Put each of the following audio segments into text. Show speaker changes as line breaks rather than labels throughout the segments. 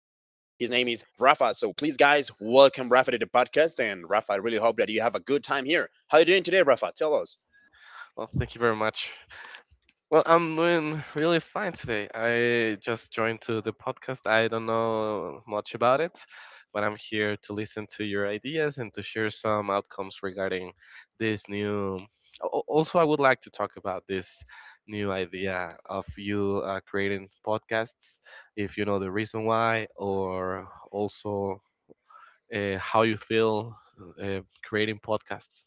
name is Rafa. So, please, guys, welcome Rafa to the podcast. And, Rafa, I really hope that you have a good time here. How are you doing today, Rafa? Tell us.
Well, thank you very much. Well, I'm doing really fine today. I just joined to the podcast. I don't know much about it, but I'm here to listen to your ideas and to share some outcomes regarding this new. Also, I would like to talk about this new idea of you creating podcasts, if you know the reason why, or also how you feel creating podcasts.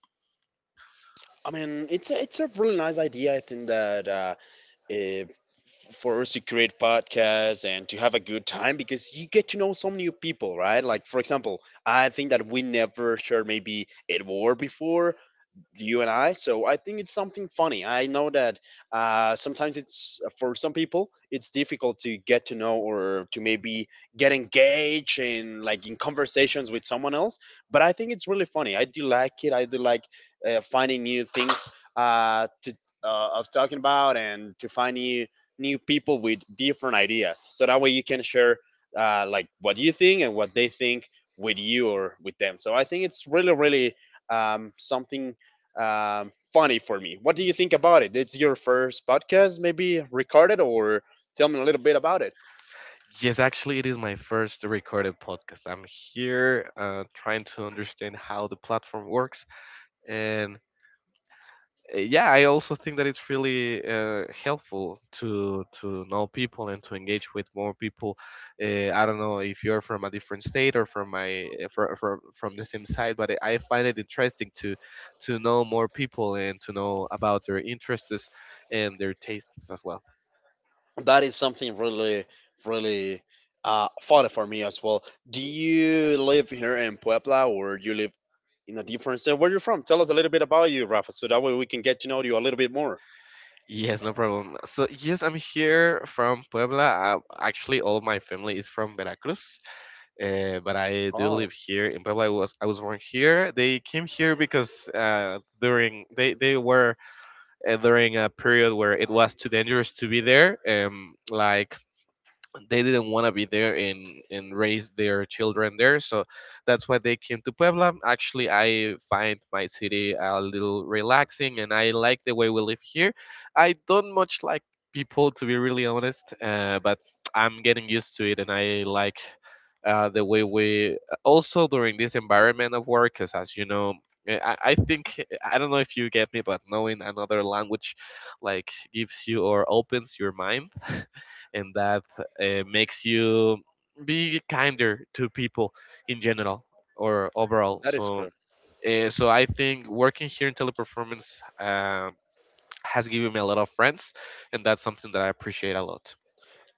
I mean, it's a really nice idea. I think that eh, for us to create podcasts and to have a good time, because you get to know some new people, right? Like, for example, I think that we never shared maybe a war before, you and I. So I think it's something funny. I know that sometimes, it's for some people, it's difficult to get to know or to maybe get engaged in, like, in conversations with someone else. But I think it's really funny. I do like it. I do like finding new things to of talking about, and to find new people with different ideas. So that way you can share like what you think and what they think with you or with them. So I think it's really something funny for me. What do you think about it? It's your first podcast, maybe recorded? Or tell me a little bit about it.
Yes, actually, it is my first recorded podcast. I'm here trying to understand how the platform works, and yeah, I also think that it's really helpful to know people and to engage with more people. I don't know if you're from a different state or from my from the same side, but I find it interesting to know more people and to know about their interests and their tastes as well.
That is something really, really funny for me as well. Do you live here in Puebla, or you live in a different state? Where are you from? Tell us a little bit about you, Rafa, so that way we can get to know you a little bit more.
Yes, no problem. So yes, I'm here from Puebla. Actually, all my family is from Veracruz. But I do
Oh,
live here in Puebla. I was born here. They came here because during they were during a period where it was too dangerous to be there. Like they didn't want to be there and raise their children there, so that's why they came to Puebla. Actually, I find my city a little relaxing, and I like the way we live here. I don't much like people, to be really honest, but I'm getting used to it, and I like the way we also during this environment of work. Because as you know, I think, I don't know if you get me, but knowing another language like gives you or opens your mind and that makes you be kinder to people in general or overall.
that is
So,
correct.
so I think working here in Teleperformance um, has given me a lot of friends, and that's something that I appreciate a lot.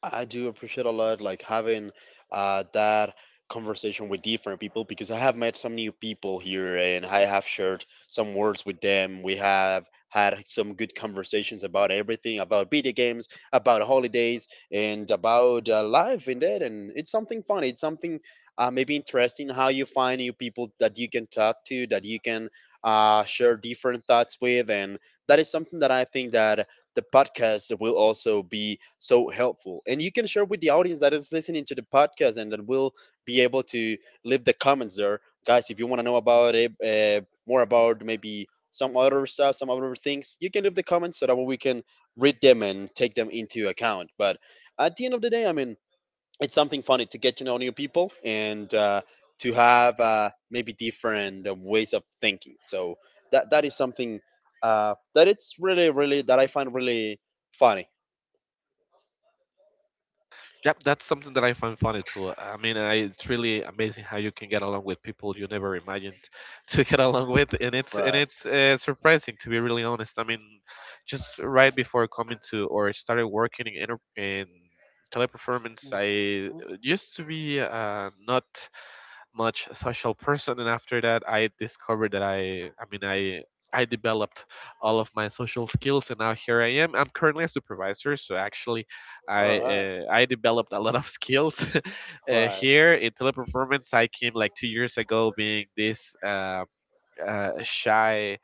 I do appreciate a lot, like, having that conversation with different people, because I have met some new people here, and I have shared some words with them. We have had some good conversations about everything: about video games, about holidays, and about life in that. And it's something fun. It's something maybe interesting, how you find new people that you can talk to, that you can share different thoughts with, and that is something that I think that the podcast will also be so helpful. And you can share with the audience that is listening to the podcast, and then we'll be able to leave the comments there, guys. If you want to know about it, more about maybe some other stuff, some other things, you can leave the comments so that we can read them and take them into account. But at the end of the day, I mean, it's something funny to get to know new people, and to have maybe different ways of thinking. So that is something that it's really that I find really funny.
Yep, that's something that I find funny too. I mean, it's really amazing how you can get along with people you never imagined to get along with, and it's and
Right.
it's surprising, to be really honest. I mean, just right before coming to or started working in teleperformance, I used to be not much social person, and after that I discovered that I developed all of my social skills, and now here I am. I'm currently a supervisor, so actually
All
I
right.
I developed a lot of skills
Right.
here in Teleperformance. I came like 2 years ago being this shy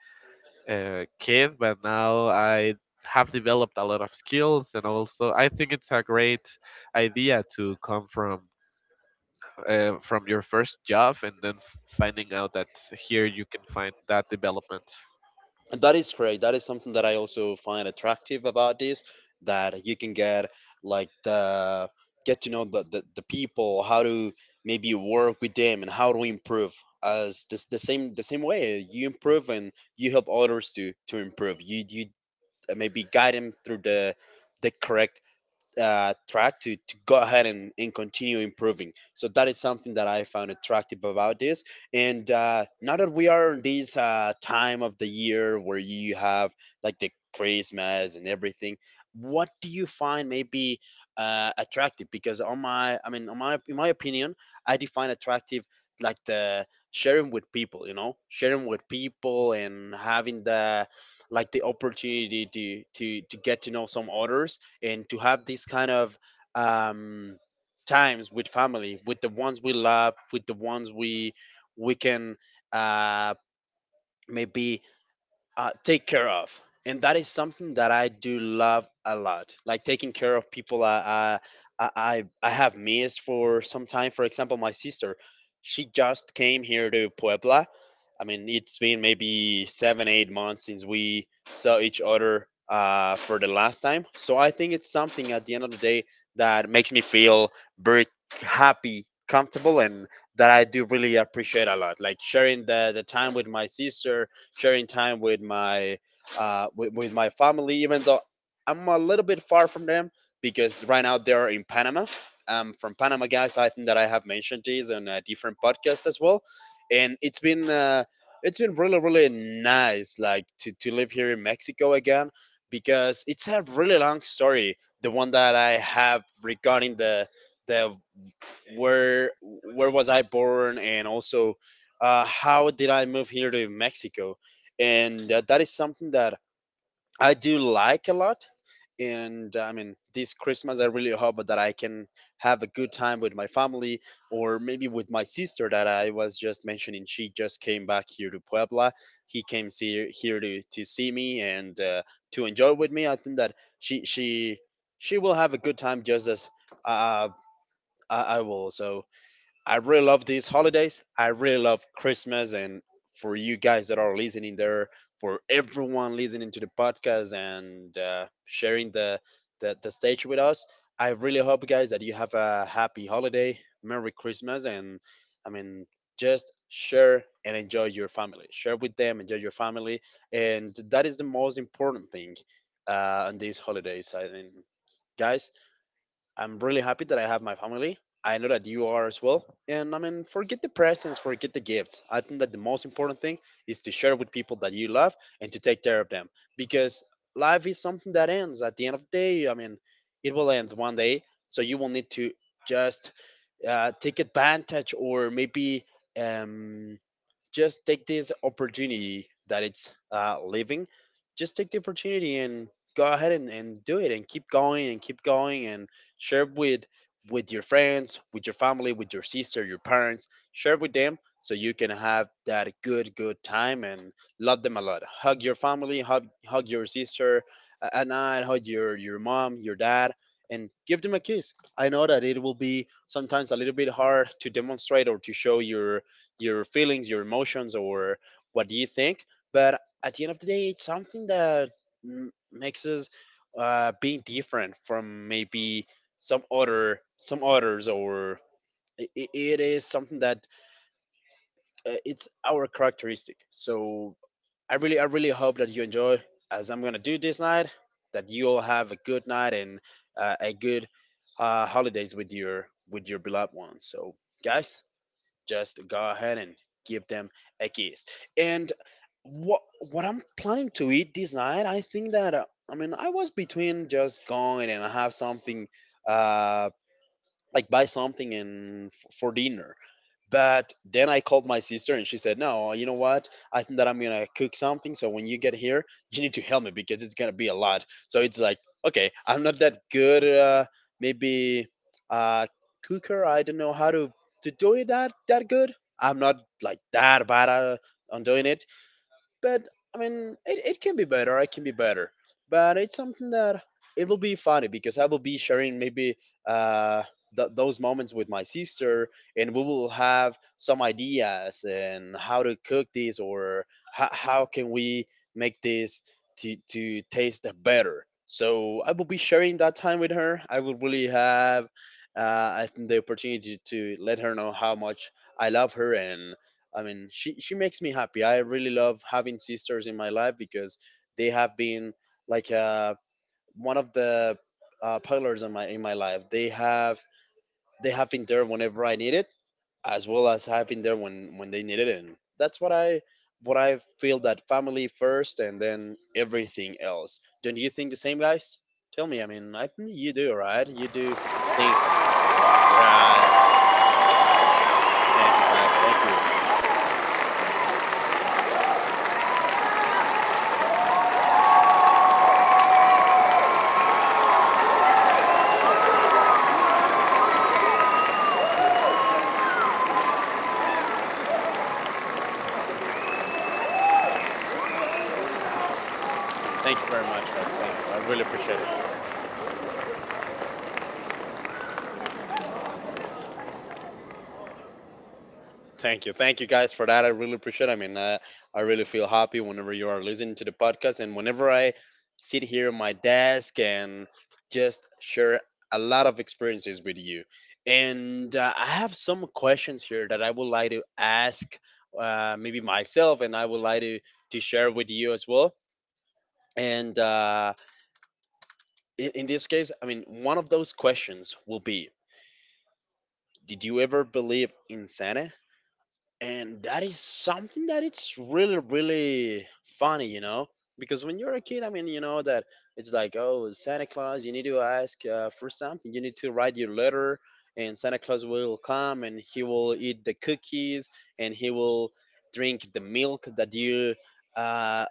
kid, but now I have developed a lot of skills. And also I think it's a great idea to come from your first job and then finding out that here you can find that development.
And that is great. That is something that I also find attractive about this, that you can get, like, the get to know the people, how to maybe work with them and how to improve as this, the same way you improve and you help others to improve. You maybe guide them through the correct track to go ahead and continue improving. So that is something that I found attractive about this. And now that we are in this time of the year where you have, like, the Christmas and everything, what do you find maybe attractive? Because on my, I mean, on my, in my opinion, I define attractive like the sharing with people, sharing with people and having the opportunity to get to know some others, and to have these kind of um, times with family, with the ones we love, with the ones we can uh, maybe take care of. And that is something that I do love a lot, like taking care of people. I i i, I have missed for some time, for example, my sister. She just came here to Puebla. I mean, it's been maybe 7-8 months since we saw each other, for the last time. So I think it's something at the end of the day that makes me feel very happy, comfortable, and that I do really appreciate a lot, like sharing the time with my sister, sharing time with my family, even though I'm a little bit far from them, because right now they're in Panama. I'm from Panama, guys. I think that I have mentioned this on a different podcast as well, and it's been really really nice, like to live here in Mexico again, because it's a really long story, the one that I have regarding the the where where was I born, and also how did I move here to Mexico, and that is something that I do like a lot. And I mean, this Christmas, I really hope that I can have a good time with my family, or maybe with my sister that I was just mentioning. She just came back here to Puebla. He came here to see me, and to enjoy with me. I think that she will have a good time, just as uh, I will. So I really love these holidays. I really love Christmas. And for you guys that are listening there, for everyone listening to the podcast and sharing the stage with us, I really hope, guys, that you have a happy holiday. Merry Christmas. And I mean, just share and enjoy your family. Share with them, enjoy your family. And that is the most important thing on these holidays. I mean, guys, I'm really happy that I have my family. I know that you are as well. And I mean, forget the presents, forget the gifts. I think that the most important thing is to share with people that you love, and to take care of them, because life is something that ends at the end of the day. I mean, it will end one day. So you will need to just take advantage, or maybe um, just take this opportunity that it's living. Just take the opportunity and go ahead and do it, and keep going and keep going, and share with your friends, with your family, with your sister, your parents, share with them, so you can have that good time, and love them a lot. Hug your family, hug your sister at night. Hug your mom, your dad, and give them a kiss. I know that it will be sometimes a little bit hard to demonstrate or to show your feelings, your emotions, or what do you think. But at the end of the day, it's something that makes us being different from maybe some others, or it is something that it's our characteristic. So I really hope that you enjoy, as I'm gonna do this night. That you all have a good night, and a good holidays with your beloved ones. So, guys, just go ahead and give them a kiss. And what what I'm planning to eat this night, I think that I mean, I was between just going and have something uh like, buy something and for dinner. But then I called my sister, and she said, no, you know what, I think that I'm gonna cook something, so when you get here, you need to help me, because it's gonna be a lot. So it's like, okay, I'm not that good maybe uh, cooker, I don't know how to do it that good. I'm not like that bad on doing it, but I mean, it can be better. It can be better, but it's something that it will be funny, because I will be sharing maybe uh, those moments with my sister, and we will have some ideas, and how to cook this, or how can we make this to taste better. So I will be sharing that time with her. I will really have I think, the opportunity to let her know how much I love her. And I mean, she makes me happy. I really love having sisters in my life, because they have been like one of the pillars in my life. They have been there whenever I need it, as well as having there when they need it. And that's what I feel, that family first, and then everything else. Don't you think the same, guys? Tell me. I mean, I think you do, right? You do think the same, right? Thank you, guys. Thank you. Thank you very much, guys. Thank you. I really appreciate it. Thank you. Thank you guys for that. I really appreciate it. I really feel happy whenever you are listening to the podcast, and whenever I sit here at my desk and just share a lot of experiences with you. And I have some questions here that I would like to ask, maybe myself, and I would like to share with you as well. And In this case, I mean, one of those questions will be, did you ever believe in Santa? And that is something that it's really, really funny because when you're a kid, I mean, you know that it's like, oh, Santa Claus, you need to ask for something, you need to write your letter, and Santa Claus will come and he will eat the cookies, and he will drink the milk that you uh,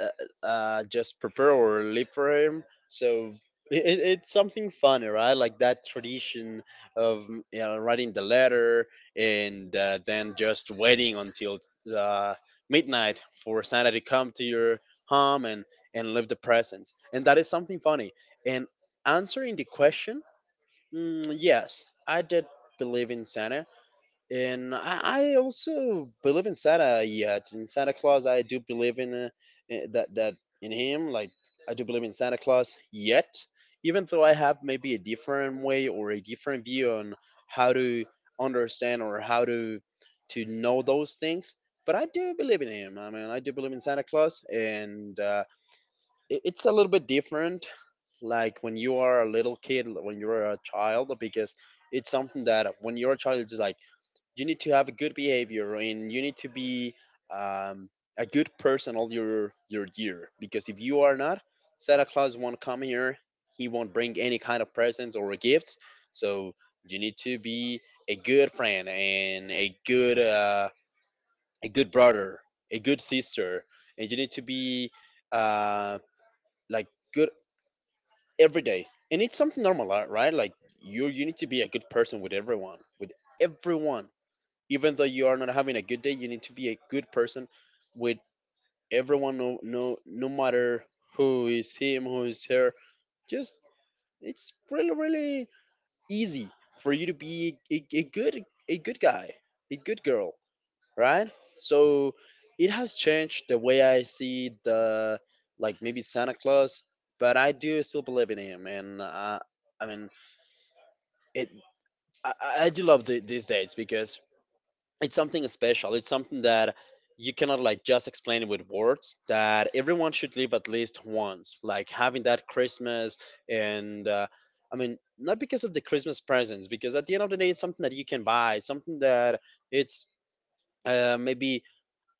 uh, just prepare or live for him. So it's something funny, right? Like that tradition of writing the letter, and then just waiting until uh, midnight for Santa to come to your home and leave the presents. And that is something funny. And answering the question, yes, I did believe in Santa, and I also believe in Santa. Yet in Santa Claus, I do believe in that in him. Like, I do believe in Santa Claus. Yet, even though I have maybe a different way or a different view on how to understand or how to know those things, but I do believe in him. I mean, I do believe in Santa Claus, and it's a little bit different. Like when you are a little kid, when you're a child, because it's something that when you're a child, it's just like you need to have a good behavior and you need to be, um, a good person all your year, because if you are not, Santa Claus won't come here, he won't bring any kind of presents or gifts. So you need to be a good friend and a good, a good brother, a good sister, and you need to be, uh, like, good every day. And it's something normal, right? Like, you need to be a good person with everyone, with everyone. Even though you are not having a good day, you need to be a good person with everyone, no matter who is him, who is her. Just, it's really, really easy for you to be a good, a good guy, a good girl, right? So it has changed the way I see the, like, maybe Santa Claus, but I do still believe in him. And I mean, it I do love these dates because it's something special. It's something that you cannot, like, just explain it with words, that everyone should live at least once. Like having that Christmas, and I mean, not because of the Christmas presents, because at the end of the day, it's something that you can buy. Something that it's maybe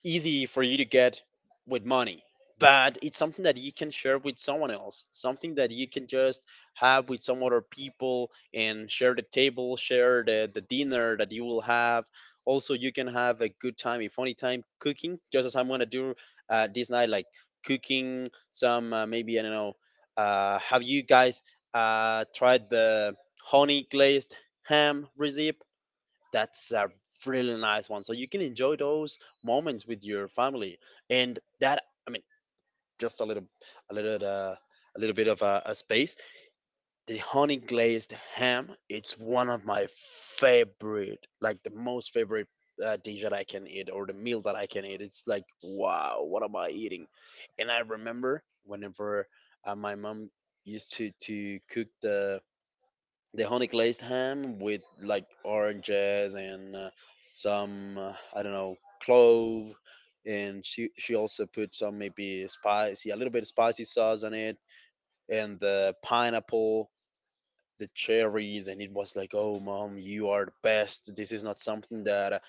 easy for you to get with money, but it's something that you can share with someone else, something that you can just have with some other people and share the table, share the dinner that you will have. Also, you can have a good time, a funny time cooking, just as I'm going to do this night. Like cooking some, maybe, I don't know, have you guys tried the honey glazed ham recipe? That's a really nice one. So you can enjoy those moments with your family, and that, I mean, just a little, a little, uh, a little bit of a space. The honey glazed ham, it's one of my favorite, like, the most favorite, dish that I can eat, or the meal that I can eat. It's like, wow, what am I eating? And I remember whenever, my mom used to cook the honey glazed ham with, like, oranges, and some, I don't know, clove, and she also put some, maybe spicy, a little bit spicy sauce on it, and the pineapple, the cherries, and it was like, oh, mom, you are the best. This is not something that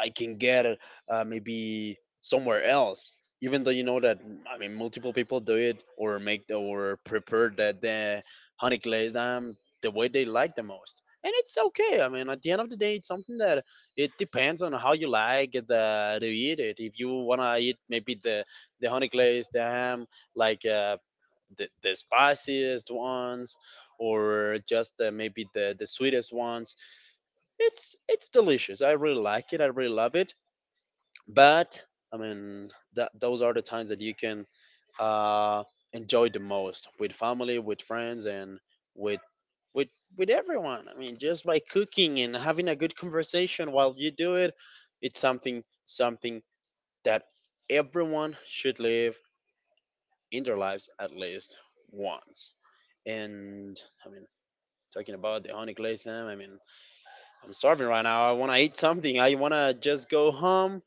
I can get, maybe somewhere else. Even though, you know that, I mean, multiple people do it or make or prepare that the honey glazed them the way they like the most, and it's okay. I mean, at the end of the day, it's something that it depends on how you like the to eat it. If you wanna eat maybe the honey glazed ham, like, the spiciest ones, or just, maybe the sweetest ones, it's delicious. I really like it. I really love it. But, I mean, that those are the times that you can uh enjoy the most, with family, with friends, and with with with everyone. I mean, just by cooking and having a good conversation while you do it. It's something, something that everyone should live in their lives, at least once. And, I mean, talking about the honey glaze ham, I mean, I'm starving right now. I want to eat something. I want to just go home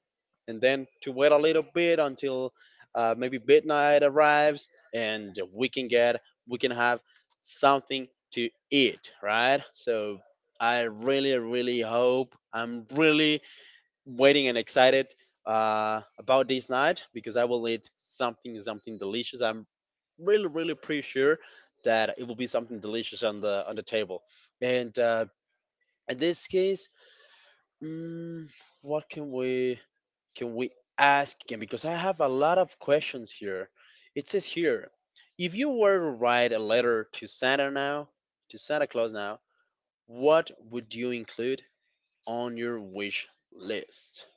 and then to wait a little bit until, maybe midnight arrives, and we can have something to eat, right? So I really, really hope, I'm really waiting and excited, about this night, because I will eat something, something delicious. I'm really, really pretty sure that it will be something delicious on the table. And In this case, Mm, what can we, can we ask again? Because I have a lot of questions here. It says here, if you were to write a letter to Santa now, to Santa Claus now, what would you include on your wish list?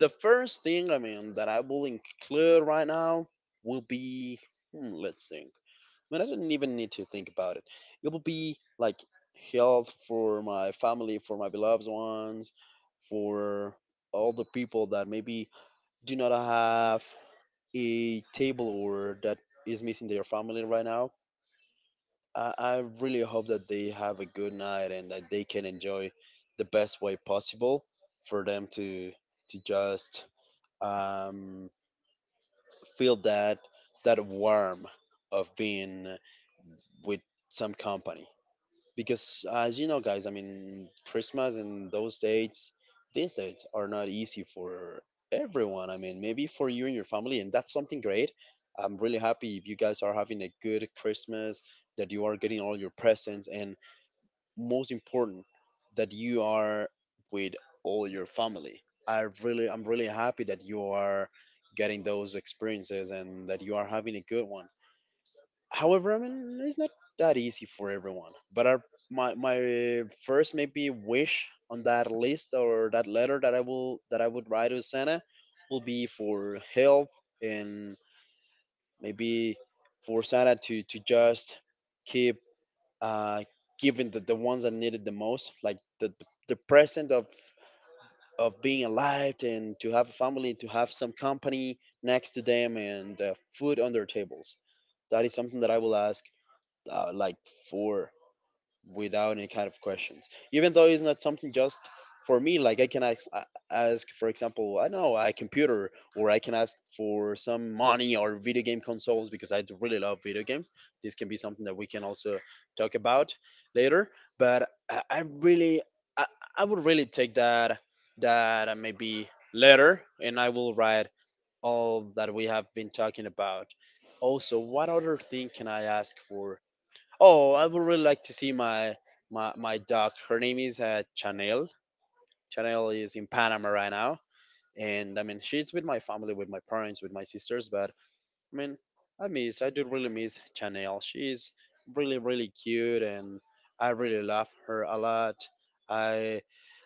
The first thing, I mean, that I will include right now will be, hmm, let's see. Man, I didn't even need to think about it. It will be like help for my family, for my beloved ones, for all the people that maybe do not have a table, or that is missing their family right now. I really hope that they have a good night, and that they can enjoy the best way possible for them to just, um, feel that, that warm of being with some company. Because, as you know, guys, I mean, Christmas and those dates, these dates are not easy for everyone. I mean, maybe for you and your family, and that's something great. I'm really happy if you guys are having a good Christmas, that you are getting all your presents, and most important, that you are with all your family. I'm really happy that you are getting those experiences and that you are having a good one. However, I mean, it's not that easy for everyone. But my first, maybe, wish on that list, or that letter that I will that I would write to Santa, will be for health. And maybe for Santa to just keep, uh giving the ones that need it the most, like the present of being alive, and to have a family, to have some company next to them, and food on their tables. That is something that I will ask, like, four, without any kind of questions. Even though it's not something just for me. Like, I can ask, for example, I don't know, a computer, or I can ask for some money, or video game consoles, because I do really love video games. This can be something that we can also talk about later. I really, I, I would really take that, that, maybe letter, and I will write all that we have been talking about. Also, what other thing can I ask for? Oh, I would really like to see my, my dog. Her name is, Chanel. Chanel is in Panama right now, and I mean, she's with my family, with my parents, with my sisters, but, I mean, I do really miss Chanel. She's really, really cute, and I really love her a lot. I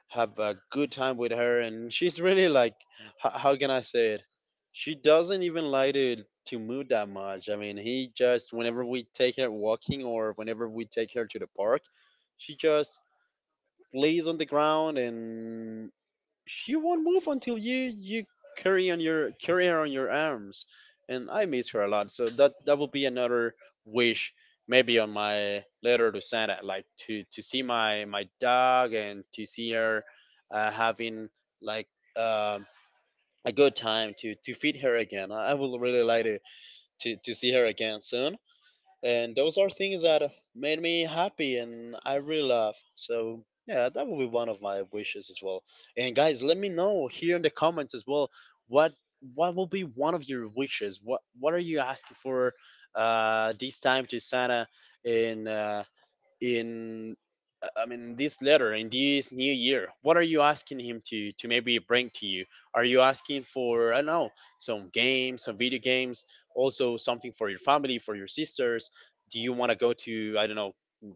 have a good time with her, and she's really like, how can I say it? She doesn't even like to move that much. I mean, he just, whenever we take her walking or whenever we take her to the park, she just lays on the ground and she won't move until you carry on your carry her on your arms and I miss her a lot, so that will be another wish, maybe on my letter to Santa, like to see my dog and to see her having like um a good time, to feed her again. I would really like to, to see her again soon. And those are things that made me happy and I really love, so yeah, that would be one of my wishes as well. And guys, let me know here in the comments as well. what what will be one of your wishes? What are you asking for this time to Santa, in uh in I mean this letter in this new year? What are you asking him to maybe bring to you? Are you asking for, I don't know, some games, some video games, also something for your family, for your sisters? Do you want to go to, I don't know,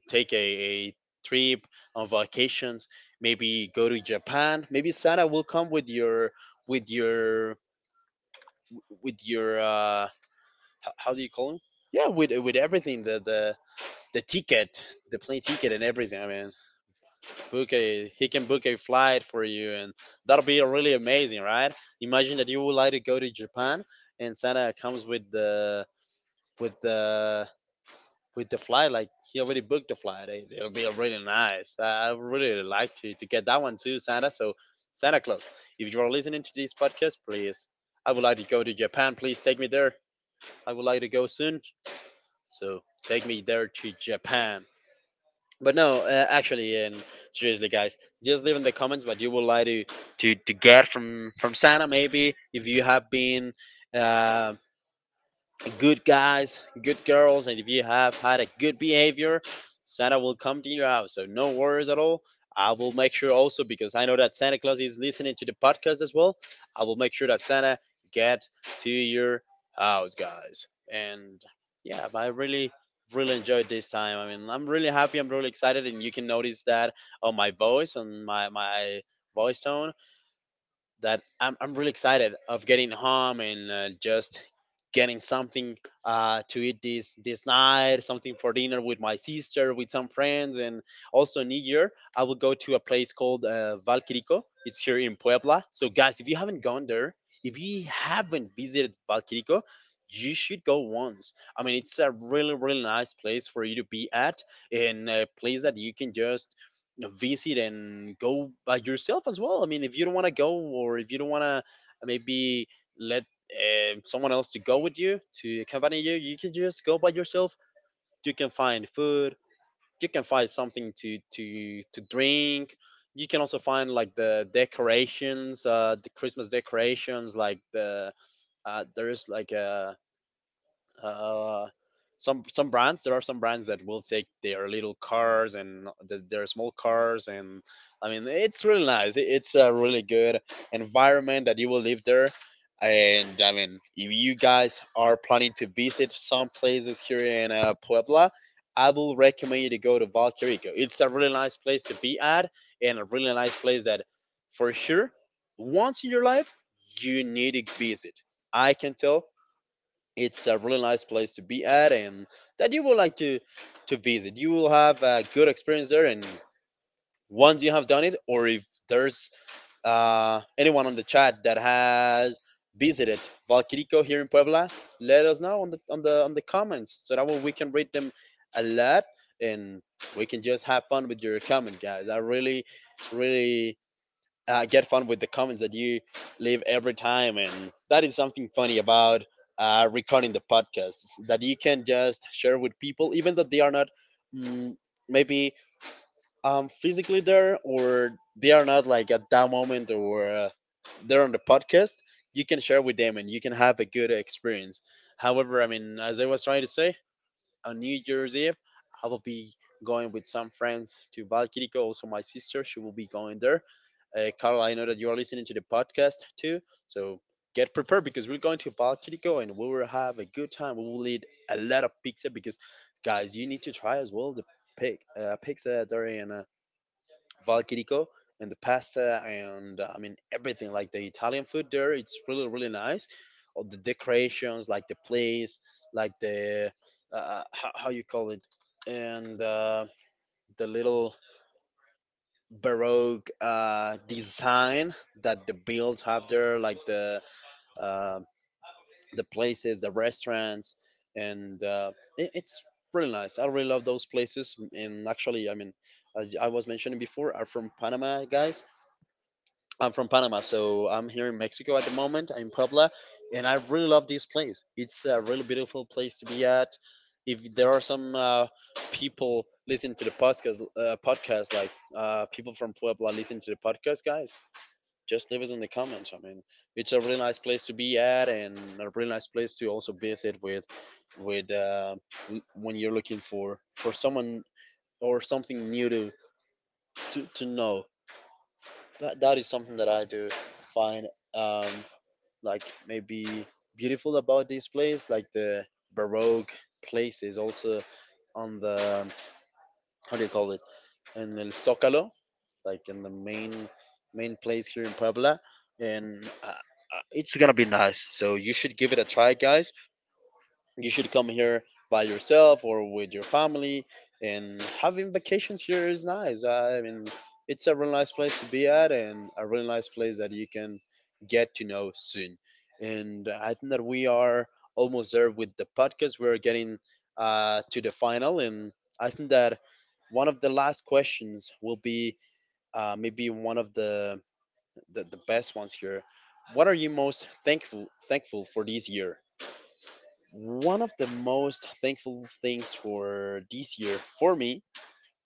take a trip on vacations? Maybe go to Japan. Maybe Santa will come with with your your h- how do you call him? Yeah, with everything, the the ticket, the plane ticket and everything. I mean, book a he can book a flight for you, and that'll be really amazing, right? Imagine that you would like to go to Japan and Santa comes with with the the flight, like he already booked the flight. It will be really nice. I really like to get that one too, Santa. So Santa Claus, if you are listening to this podcast, please, I would like to go to Japan. Please take me there. I would like to go soon. So take me there to Japan. But no, actually, and seriously, guys, just leave in the comments what you would like to get from Santa. Maybe if you have been um, good guys, good girls, and if you have had a good behavior, Santa will come to your house. So no worries at all. I will make sure also, because I know that Santa Claus is listening to the podcast as well. I will make sure that Santa get to your house, guys. And yeah, but I really really enjoyed this time. I mean, I'm really happy, I'm really excited, and you can notice that on my voice, on my voice tone, that I'm really excited of getting home and just getting something to eat this night, something for dinner with my sister, with some friends. And also New Year I will go to a place called Valquirico. It's here in Puebla. So guys, if you haven't gone there, if you haven't visited Valquirico, you should go once. I mean, it's a really really nice place for you to be at, and a place that you can just know, visit and go by yourself as well. I mean, if you don't want to go, or if you don't want to maybe let someone else to go with you to accompany you, you can just go by yourself. You can find food. You can find something to drink. You can also find like the decorations, the Christmas decorations, like the there's like a uh, some brands there are some brands that will take their little cars and their small cars. And I mean, it's really nice. It's a really good environment that you will live there. And I mean, if you guys are planning to visit some places here in Puebla, I will recommend you to go to Valquerico. It's a really nice place to be at, and a really nice place that, for sure, once in your life you need to visit. I can tell, it's a really nice place to be at and that you would like to visit. You will have a good experience there. And once you have done it, or if there's anyone on the chat that has visited Valquirico here in Puebla, let us know on the comments, so that way we can read them a lot. And we can just have fun with your comments, guys. I really really get fun with the comments that you leave every time. And that is something funny about recording the podcast, that you can just share with people, even though they are not mm, maybe physically there, or they are not like at that moment, or they're on the podcast. You can share with them, and you can have a good experience. However, I mean, as I was trying to say, on New Year's Eve, I will be going with some friends to Valkyrico. Also, my sister, she will be going there. Carl, I know that you are listening to the podcast too, so get prepared, because we're going to Valkyrico and we will have a good time. We will eat a lot of pizza, because, guys, you need to try as well the pig, pizza there in Valchirico, and the pasta, and I mean everything like the Italian food there. It's really really nice. All the decorations, like the place, like the how you call it, and the little baroque design that the builds have there, like uh, the places, the restaurants, and it's really nice. I really love those places. And actually, I mean, as I was mentioning before, are from Panama, guys. I'm from Panama, so I'm here in Mexico at the moment. I'm in Puebla, and I really love this place. It's a really beautiful place to be at. If there are some people listen to the podcast, podcast, like people from Puebla listen to the podcast, guys, just leave us in the comments. I mean, it's a really nice place to be at, and a really nice place to also visit with, with uh, when you're looking for someone or something new to know. That is something that I do find um, like maybe beautiful about this place, like the baroque places, also on the how do you call it, in El Zocalo, like in the main place here in Puebla. And it's gonna be nice, so you should give it a try, guys. You should come here by yourself or with your family, and having vacations here is nice. I mean, it's a really nice place to be at, and a really nice place that you can get to know soon. And I think that we are almost there with the podcast. We're getting to the final, and I think that one of the last questions will be maybe one of the best ones here. What are you most thankful for this year? One of the most thankful things for this year for me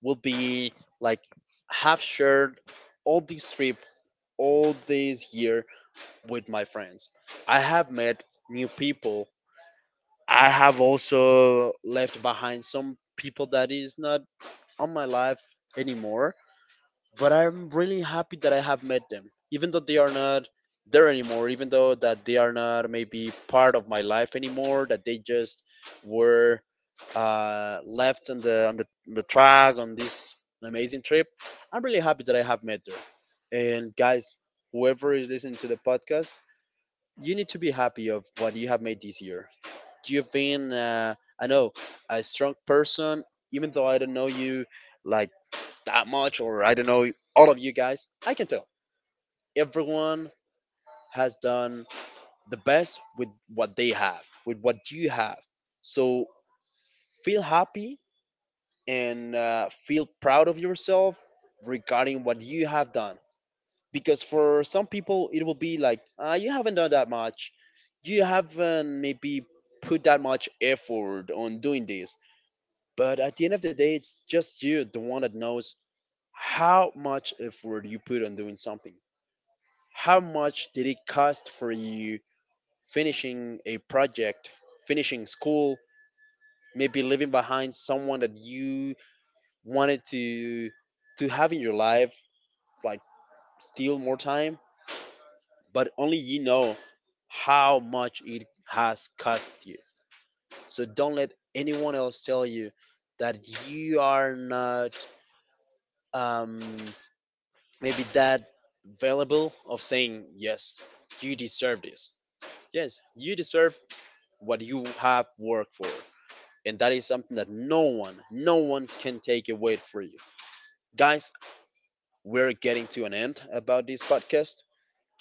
will be like have shared all this trip, all this year, with my friends. I have met new people. I have also left behind some people that is not on my life anymore, but I'm really happy that I have met them, even though they are not there anymore, even though that they are not maybe part of my life anymore, that they just were left on the track on this amazing trip. I'm really happy that I have met her. And guys, whoever is listening to the podcast, you need to be happy of what you have made this year. You've been, I know, a strong person, even though I don't know you like that much, or I don't know, all of you guys, I can tell. Everyone has done the best with what they have, with what you have. So feel happy and feel proud of yourself regarding what you have done. Because for some people, it will be like, you haven't done that much. You haven't maybe put that much effort on doing this. But at the end of the day, it's just you, the one that knows how much effort you put on doing something. How much did it cost for you finishing a project, finishing school, maybe leaving behind someone that you wanted to have in your life, like steal more time, but only you know how much it has cost you. So don't let anyone else tell you that you are not um, maybe that valuable of saying yes, you deserve this. Yes, you deserve what you have worked for. And that is something that no one, no one can take away for you. Guys, we're getting to an end about this podcast.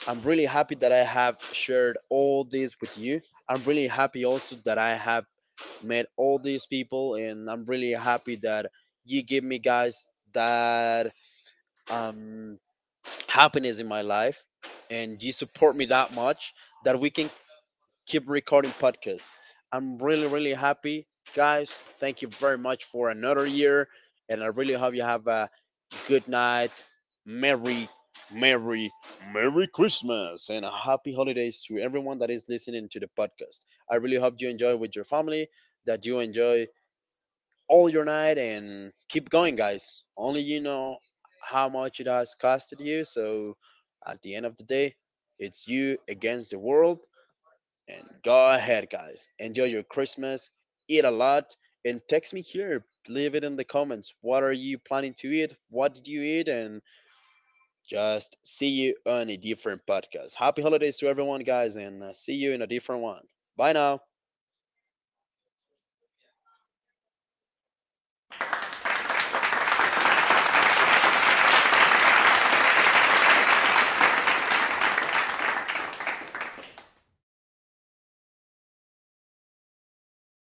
I'm really happy that I have shared all this with you. I'm really happy also that I have met all these people, and I'm really happy that you give me guys that um, happiness in my life, and you support me that much that we can keep recording podcasts. I'm really, really happy. Guys, thank you very much for another year. And I really hope you have a good night. Merry, Merry, Merry Christmas. And a happy holidays to everyone that is listening to the podcast. I really hope you enjoy with your family, that you enjoy all your night and keep going, guys. Only you know how much it has costed you. So at the end of the day, it's you against the world, and go ahead, guys. Enjoy your Christmas. Eat a lot. And text me here. Leave it in the comments. What are you planning to eat? What did you eat? And just see you on a different podcast. Happy holidays to everyone, guys. And see you in a different one. Bye now.